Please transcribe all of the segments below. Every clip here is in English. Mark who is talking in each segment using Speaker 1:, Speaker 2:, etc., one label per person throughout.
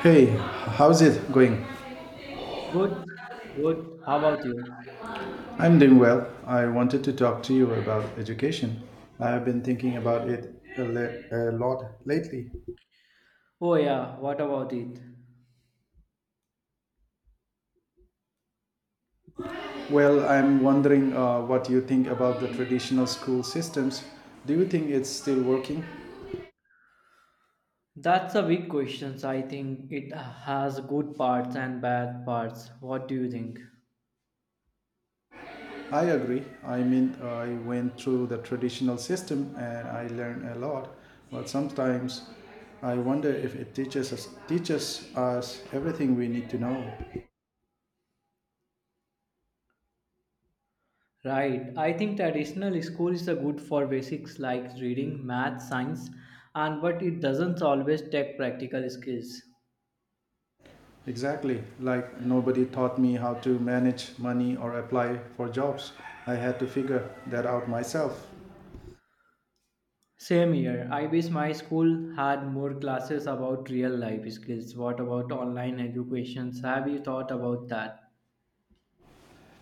Speaker 1: Hey, how's it going?
Speaker 2: Good, good. How about you?
Speaker 1: I'm doing well. I wanted to talk to you about education. I have been thinking about it a lot lately.
Speaker 2: Oh yeah, what about it?
Speaker 1: Well, I'm wondering what you think about the traditional school systems. Do you think it's still working?
Speaker 2: That's a big question. I think it has good parts and bad parts. What do you think?
Speaker 1: I agree. I mean, I went through the traditional system and I learned a lot, but sometimes I wonder if it teaches us everything we need to know.
Speaker 2: Right. I think traditional school is a good for basics like reading, math, science, and but it doesn't always take practical skills.
Speaker 1: Exactly. Like nobody taught me how to manage money or apply for jobs. I had to figure that out myself.
Speaker 2: Same here. I wish my school had more classes about real life skills. What about online educations? Have you thought about that?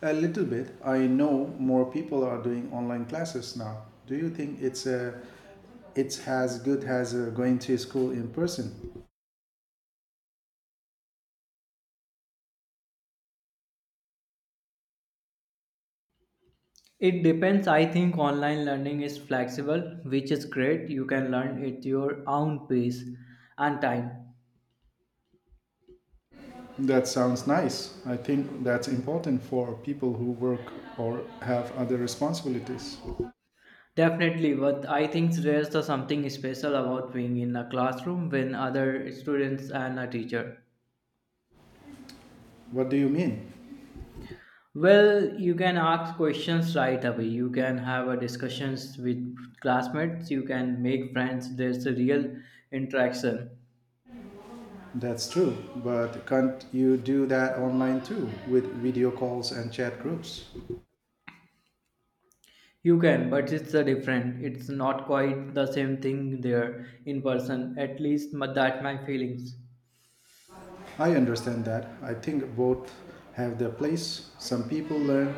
Speaker 1: A little bit. I know more people are doing online classes now. Do you think it's a it's as good as going to school in person?
Speaker 2: It depends. I think online learning is flexible, which is great. You can learn at your own pace and time.
Speaker 1: That sounds nice. I think that's important for people who work or have other responsibilities.
Speaker 2: Definitely, but I think there's the something special about being in a classroom with other students and a teacher.
Speaker 1: What do you mean?
Speaker 2: Well, you can ask questions right away. You can have a discussions with classmates. You can make friends. There's a real interaction.
Speaker 1: That's true, but can't you do that online too with video calls and chat groups?
Speaker 2: You can, but it's a different. It's not quite the same thing there in person. At least my- that my feelings.
Speaker 1: I understand that. I think both have their place. Some people learn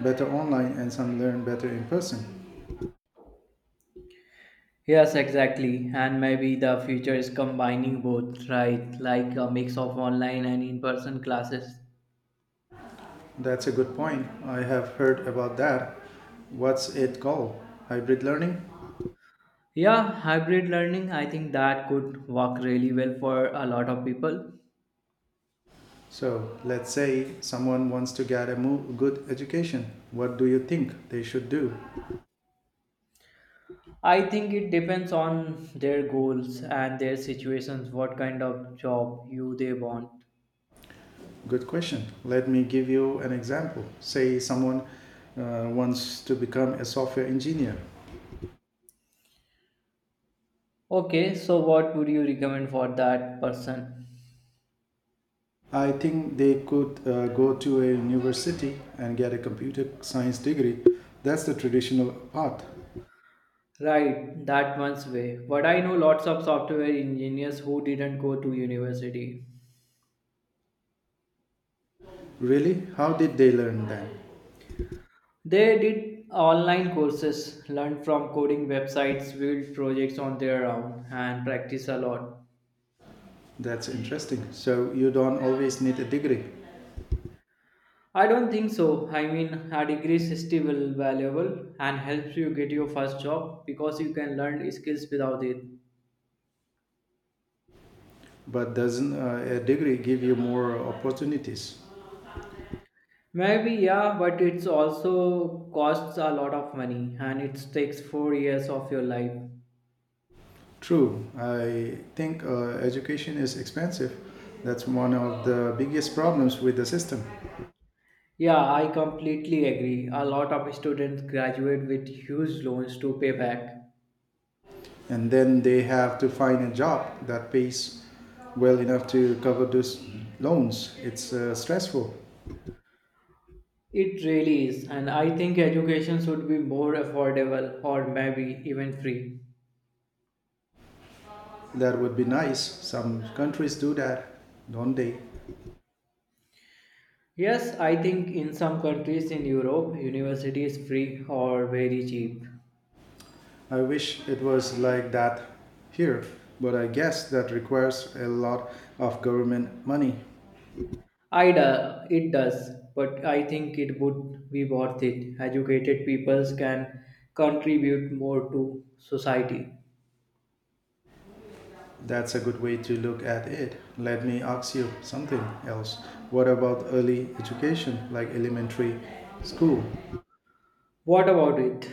Speaker 1: better online and some learn better in person.
Speaker 2: Yes, exactly. And maybe the future is combining both, right? Like a mix of online and in-person classes.
Speaker 1: That's a good point. I have heard about that. What's it called? Hybrid learning?
Speaker 2: Yeah, hybrid learning, I think that could work really well for a lot of people.
Speaker 1: So, let's say someone wants to get a good education. What do you think they should do?
Speaker 2: I think it depends on their goals and their situations, what kind of job you they want.
Speaker 1: Good question. Let me give you an example. Say someone wants to become a software engineer.
Speaker 2: Okay, so what would you recommend for that person?
Speaker 1: I think they could go to a university and get a computer science degree. That's the traditional path.
Speaker 2: Right, that one's way. But I know lots of software engineers who didn't go to university.
Speaker 1: Really? How did they learn that?
Speaker 2: They did online courses, learned from coding websites, built projects on their own, and practice a lot.
Speaker 1: That's interesting. So you don't always need a degree,
Speaker 2: I don't think so. I mean, a degree is still valuable and helps you get your first job because you can learn skills without it.
Speaker 1: but doesn't a degree give you more opportunities?
Speaker 2: Maybe, yeah, but it's also costs a lot of money and it takes 4 years of your life.
Speaker 1: True. I think education is expensive. That's one of the biggest problems with the system.
Speaker 2: Yeah, I completely agree. A lot of students graduate with huge loans to pay back.
Speaker 1: And then they have to find a job that pays well enough to cover those loans. It's stressful.
Speaker 2: It really is, and I think education should be more affordable or maybe even free.
Speaker 1: That would be nice. Some countries do that, don't they?
Speaker 2: Yes, I think in some countries in Europe, university is free or very cheap.
Speaker 1: I wish it was like that here, but I guess that requires a lot of government money.
Speaker 2: I do, it does, but I think it would be worth it. Educated peoples can contribute more to society.
Speaker 1: That's a good way to look at it. Let me ask you something else. What about early education, like elementary school?
Speaker 2: What about it?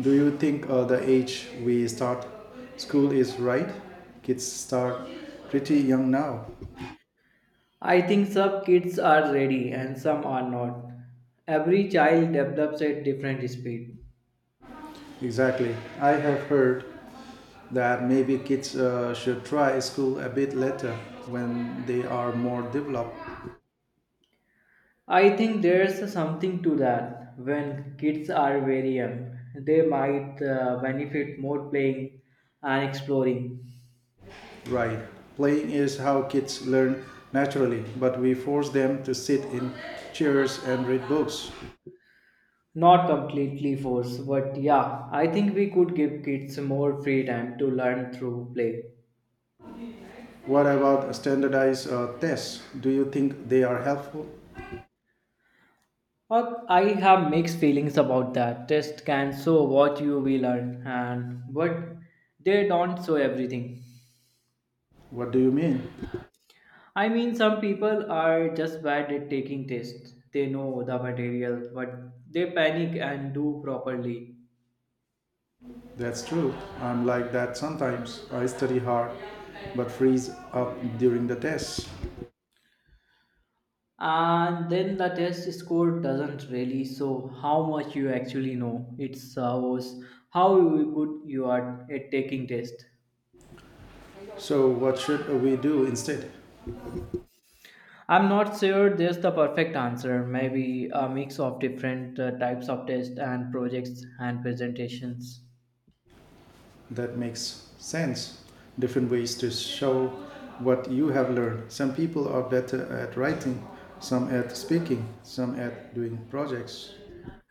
Speaker 1: Do you think the age we start school is right? Kids start pretty young now.
Speaker 2: I think some kids are ready and some are not. Every child develops at different speed.
Speaker 1: Exactly. I have heard that maybe kids should try school a bit later when they are more developed.
Speaker 2: I think there's something to that. When kids are very young, they might benefit more playing and exploring.
Speaker 1: Right. Playing is how kids learn naturally, but we force them to sit in chairs and read books.
Speaker 2: Not completely force, but yeah, I think we could give kids more free time to learn through play.
Speaker 1: What about standardized tests? Do you think they are helpful?
Speaker 2: I have mixed feelings about that. Test can show what you will learn and but they don't show everything.
Speaker 1: What do you mean?
Speaker 2: I mean, some people are just bad at taking tests. They know the material, but they panic and do properly.
Speaker 1: That's true. I'm like that sometimes. I study hard but freeze up during the tests.
Speaker 2: And then the test score doesn't really show how much you actually know. It shows how good you are at taking tests.
Speaker 1: So, what should we do instead?
Speaker 2: I'm not sure there's the perfect answer. Maybe a mix of different types of tests and projects and presentations.
Speaker 1: That makes sense. Different ways to show what you have learned. Some people are better at writing, some at speaking, some at doing projects.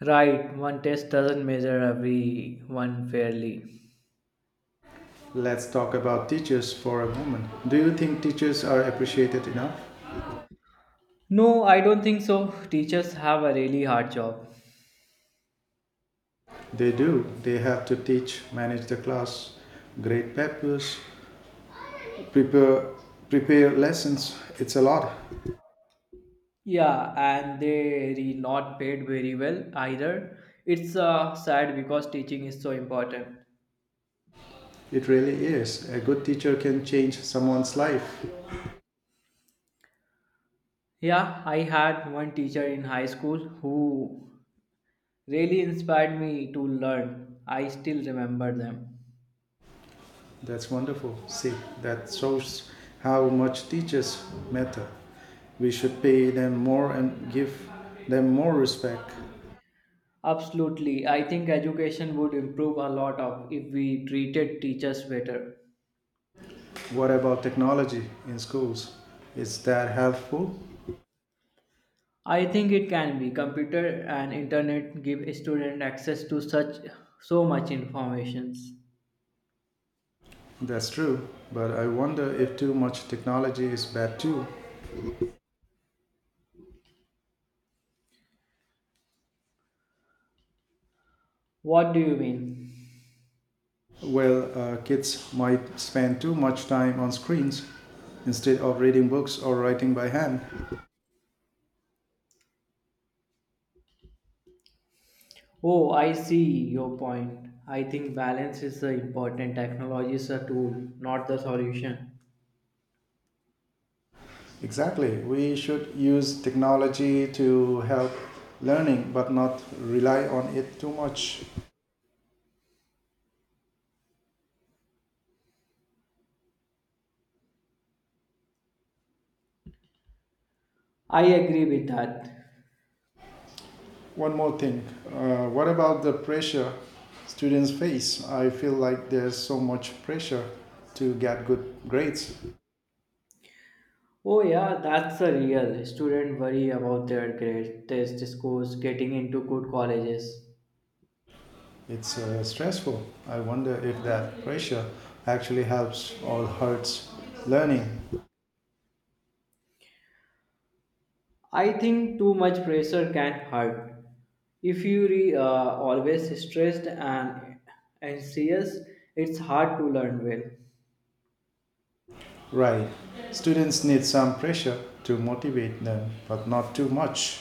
Speaker 2: Right, one test doesn't measure everyone fairly.
Speaker 1: Let's talk about teachers for a moment. Do you think teachers are appreciated enough?
Speaker 2: No, I don't think so. Teachers have a really hard job.
Speaker 1: They do. They have to teach, manage the class, grade papers, prepare prepare lessons. It's a lot.
Speaker 2: Yeah, and they are not paid very well either. It's sad because teaching is so important.
Speaker 1: It really is. A good teacher can change someone's life.
Speaker 2: Yeah, I had one teacher in high school who really inspired me to learn. I still remember them.
Speaker 1: That's wonderful. See, that shows how much teachers matter. We should pay them more and give them more respect.
Speaker 2: Absolutely. I think education would improve a lot of if we treated teachers better.
Speaker 1: What about technology in schools? Is that helpful?
Speaker 2: I think it can be. Computer and internet give student access to such so much informations.
Speaker 1: That's true, but I wonder if too much technology is bad too.
Speaker 2: What do you mean?
Speaker 1: Well, kids might spend too much time on screens instead of reading books or writing by hand.
Speaker 2: Oh, I see your point. I think balance is the important. Technology is a tool, not the solution.
Speaker 1: Exactly. We should use technology to help learning but not rely on it too much.
Speaker 2: I agree with that.
Speaker 1: One more thing. What about the pressure students face? I feel like there's so much pressure to get good grades.
Speaker 2: Oh yeah, that's a real student worry about their grades, test scores, getting into good colleges.
Speaker 1: It's stressful. I wonder if that pressure actually helps or hurts learning.
Speaker 2: I think too much pressure can hurt. If you re, always stressed and anxious, it's hard to learn well.
Speaker 1: Right. Students need some pressure to motivate them, but not too much,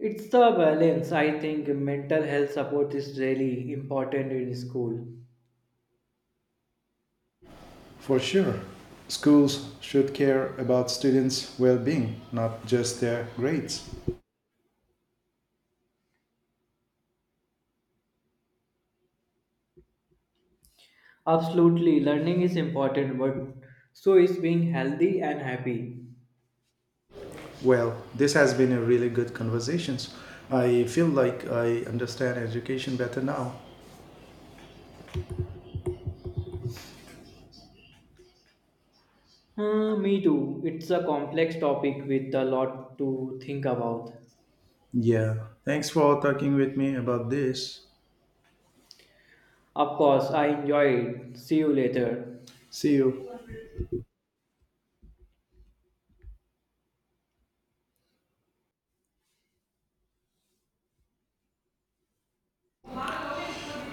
Speaker 2: It's the balance. I think mental health support is really important in school.
Speaker 1: for sure. Schools should care about students' well being, not just their grades.
Speaker 2: Absolutely, learning is important, but so is being healthy and happy.
Speaker 1: Well, this has been a really good conversation. I feel like I understand education better now.
Speaker 2: Me too. It's a complex topic with a lot to think about.
Speaker 1: Yeah. Thanks for talking with me about this.
Speaker 2: Of course, I enjoy it. See you later.
Speaker 1: See you.